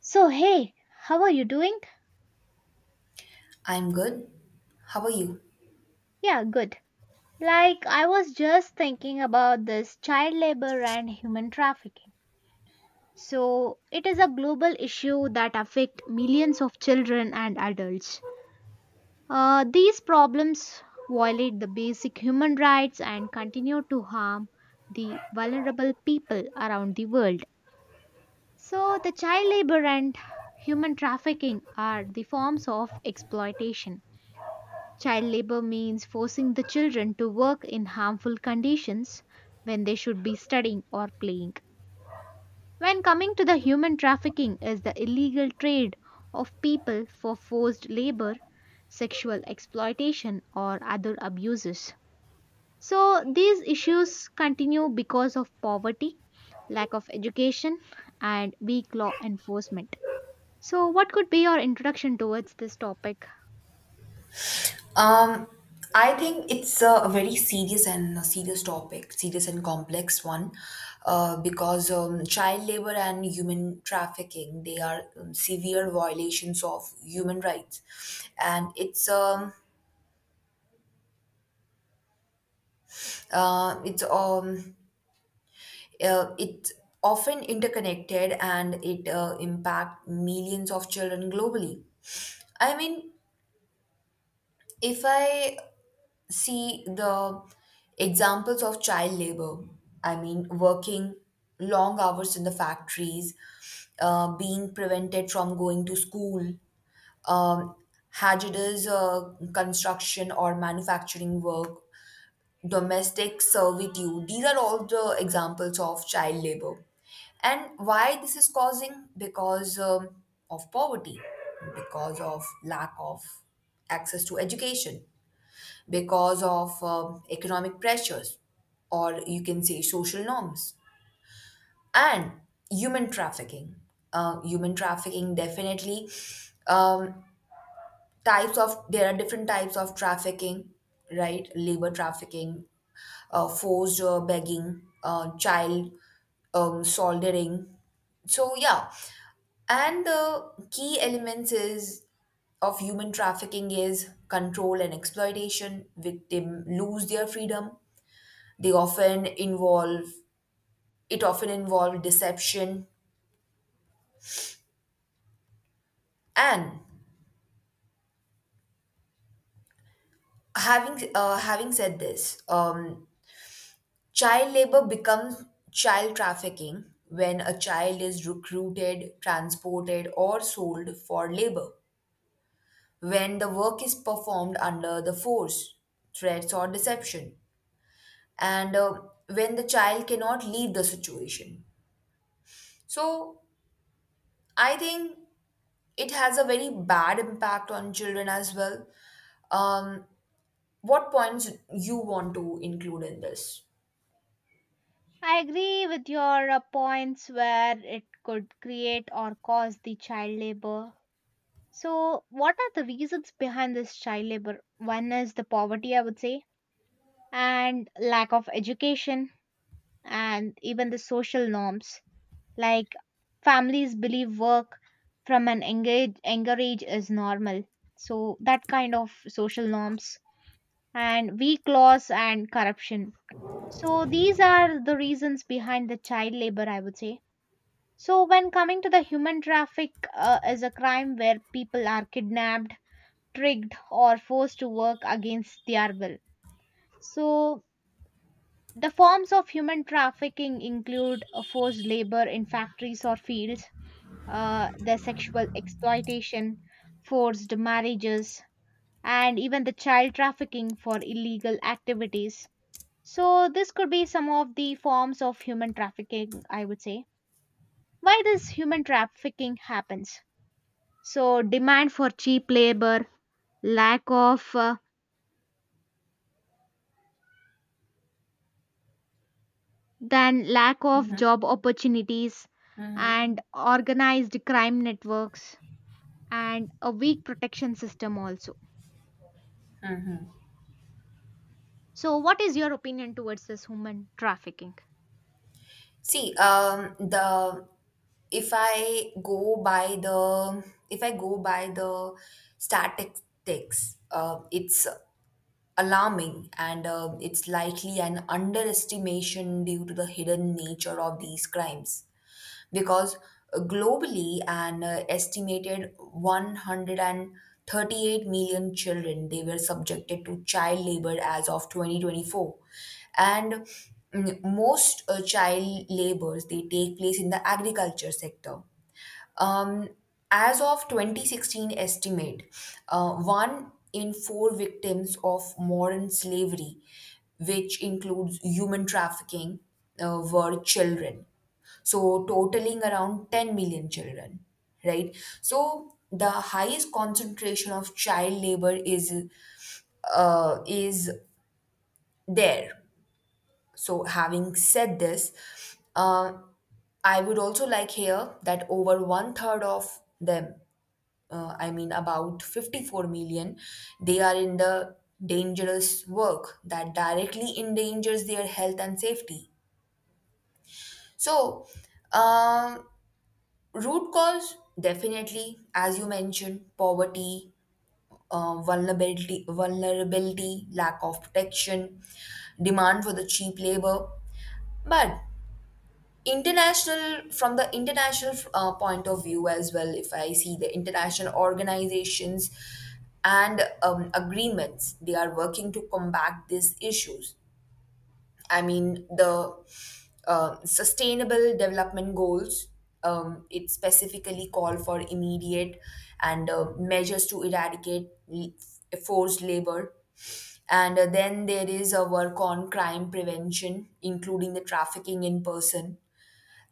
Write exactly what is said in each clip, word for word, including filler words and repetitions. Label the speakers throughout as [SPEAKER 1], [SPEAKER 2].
[SPEAKER 1] So, hey, how are you doing?
[SPEAKER 2] I'm good. How are you?
[SPEAKER 1] Yeah, good. Like, I was just thinking about this child labor and human trafficking. So, it is a global issue that affect millions of children and adults. Uh, these problems violate the basic human rights and continue to harm the vulnerable people around the world. So, the child labor and human trafficking are the forms of exploitation. Child labor means forcing the children to work in harmful conditions when they should be studying or playing. When coming to the human trafficking is the illegal trade of people for forced labor, sexual exploitation or other abuses. So these issues continue because of poverty, lack of education and weak law enforcement. So what could be your introduction towards this topic?
[SPEAKER 2] Um, I think it's a, a very serious and a serious topic, serious and complex one, uh, because um, child labor and human trafficking, they are um, severe violations of human rights, and it's um, uh, it's um, uh, it's often interconnected, and it uh, impact millions of children globally. I mean, if I see the examples of child labor. I mean, working long hours in the factories, uh, being prevented from going to school, um, hazardous uh, construction or manufacturing work, domestic servitude. These are all the examples of child labor. And why this is causing? Because um, of poverty, because of lack of access to education, because of um, economic pressures, or you can say social norms. And human trafficking, uh, human trafficking, definitely, um, types of, there are different types of trafficking, right? Labor trafficking, uh, forced uh, begging, uh, child, um, soldering, so yeah. And the key elements is of human trafficking is control and exploitation. Victim lose their freedom. They often involve, it often involve deception. And having uh, having said this, um, child labor becomes child trafficking when a child is recruited, transported, or sold for labor. When the work is performed under the force, threats, or deception, and uh, when the child cannot leave the situation. So I think it has a very bad impact on children as well. Um, what points you want to include in this?
[SPEAKER 1] I agree with your uh, points where it could create or cause the child labor. So, what are the reasons behind this child labor? One is the poverty, I would say, and lack of education, and even the social norms. Like families believe work from an engage, younger age is normal. So, that kind of social norms, and weak laws and corruption. So, these are the reasons behind the child labor, I would say. So, when coming to the human traffic, uh, is a crime where people are kidnapped, tricked, or forced to work against their will. So, the forms of human trafficking include uh, forced labor in factories or fields, uh, the sexual exploitation, forced marriages, and even the child trafficking for illegal activities. So, this could be some of the forms of human trafficking, I would say. Why this human trafficking happens? So demand for cheap labor, lack of uh, then lack of
[SPEAKER 2] Mhm,
[SPEAKER 1] job opportunities
[SPEAKER 2] mhm.
[SPEAKER 1] and organized crime networks and a weak protection system also. So what is your opinion towards this human trafficking?
[SPEAKER 2] See, um, the, if I go by the, if I go by the statistics, uh, it's alarming, and uh, it's likely an underestimation due to the hidden nature of these crimes. Because uh, globally, an uh, estimated one hundred thirty-eight million children, they were subjected to child labor as of twenty twenty-four, and mm, most uh, child labors, they take place in the agriculture sector. um, as of twenty sixteen estimate, uh, one in four victims of modern slavery, which includes human trafficking, uh, were children. So, totaling around ten million children, right? So, the highest concentration of child labor is uh, is there. So, having said this, uh, I would also like here that over one third of them, uh, I mean, about fifty-four million, they are in the dangerous work that directly endangers their health and safety. So, um, root cause, definitely, as you mentioned, poverty, uh, vulnerability, vulnerability, lack of protection, demand for the cheap labor. But international, from the international uh, point of view as well, if I see the international organizations and um, agreements, they are working to combat these issues. I mean, the uh, sustainable development goals, um, it specifically call for immediate and uh, measures to eradicate l- forced labor. And uh, then there is a work on crime prevention, including the trafficking in person.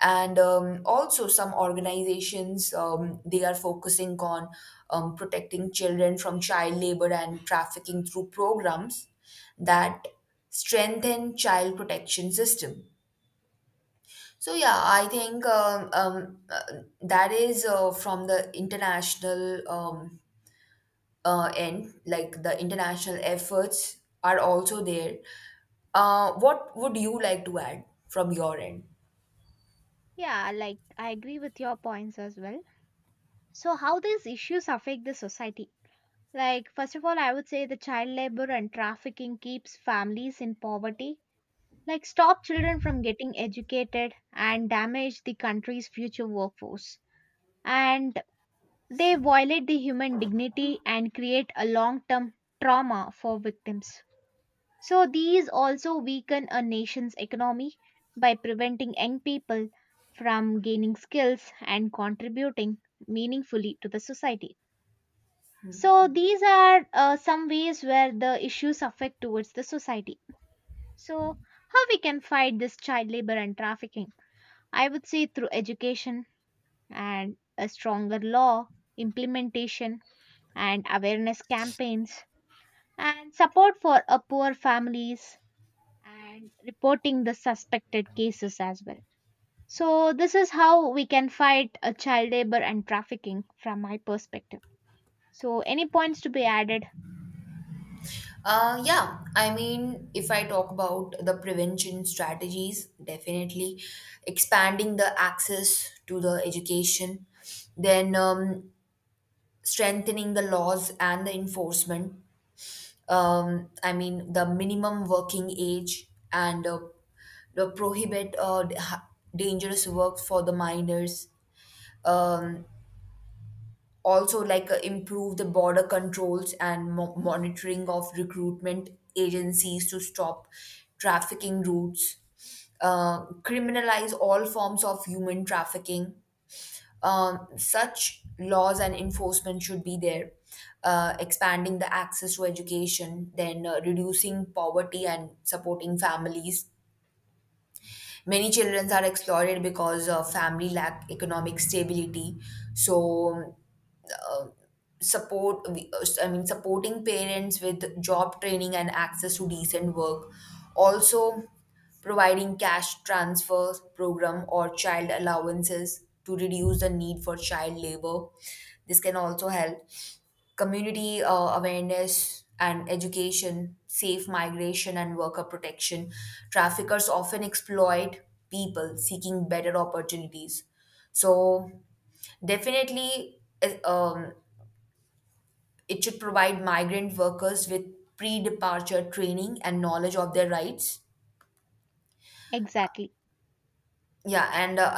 [SPEAKER 2] And um, also some organizations, um, they are focusing on um, protecting children from child labor and trafficking through programs that strengthen child protection system. So yeah, I think um, um, uh, that is uh, from the international um, uh, end, like the international efforts are also there. Uh, what would you like to add from your end?
[SPEAKER 1] Yeah, like I agree with your points as well. So, how these issues affect the society? Like, first of all, I would say the child labor and trafficking keeps families in poverty like stop children from getting educated and damage the country's future workforce. And they violate the human dignity and create a long term trauma for victims. So, these also weaken a nation's economy by preventing young people from gaining skills and contributing meaningfully to the society. So, these are uh, some ways where the issues affect towards the society. So, how we can fight this child labor and trafficking? I would say through education and a stronger law, implementation and awareness campaigns, and support for a poor families and reporting the suspected cases as well. So, this is how we can fight a child labor and trafficking from my perspective. So, any points to be added?
[SPEAKER 2] Uh, yeah, I mean, if I talk about the prevention strategies, definitely expanding the access to the education, then um, strengthening the laws and the enforcement. Um, I mean, the minimum working age, and uh, the prohibit, uh, d- ha- dangerous work for the minors. Um, Also, like, uh, improve the border controls and mo- monitoring of recruitment agencies to stop trafficking routes. Uh, criminalize all forms of human trafficking. Um, such laws and enforcement should be there. Uh, expanding the access to education, then uh, reducing poverty and supporting families. Many children are exploited because uh, family lack economic stability. so um, uh, support, uh, I mean, supporting parents with job training and access to decent work. Also providing cash transfer program or child allowances to reduce the need for child labor, this can also help. Community uh, awareness and education, safe migration and worker protection. Traffickers often exploit people seeking better opportunities. So, definitely, eh, um, it should provide migrant workers with pre departure training and knowledge of their rights.
[SPEAKER 1] Exactly.
[SPEAKER 2] Yeah, and uh,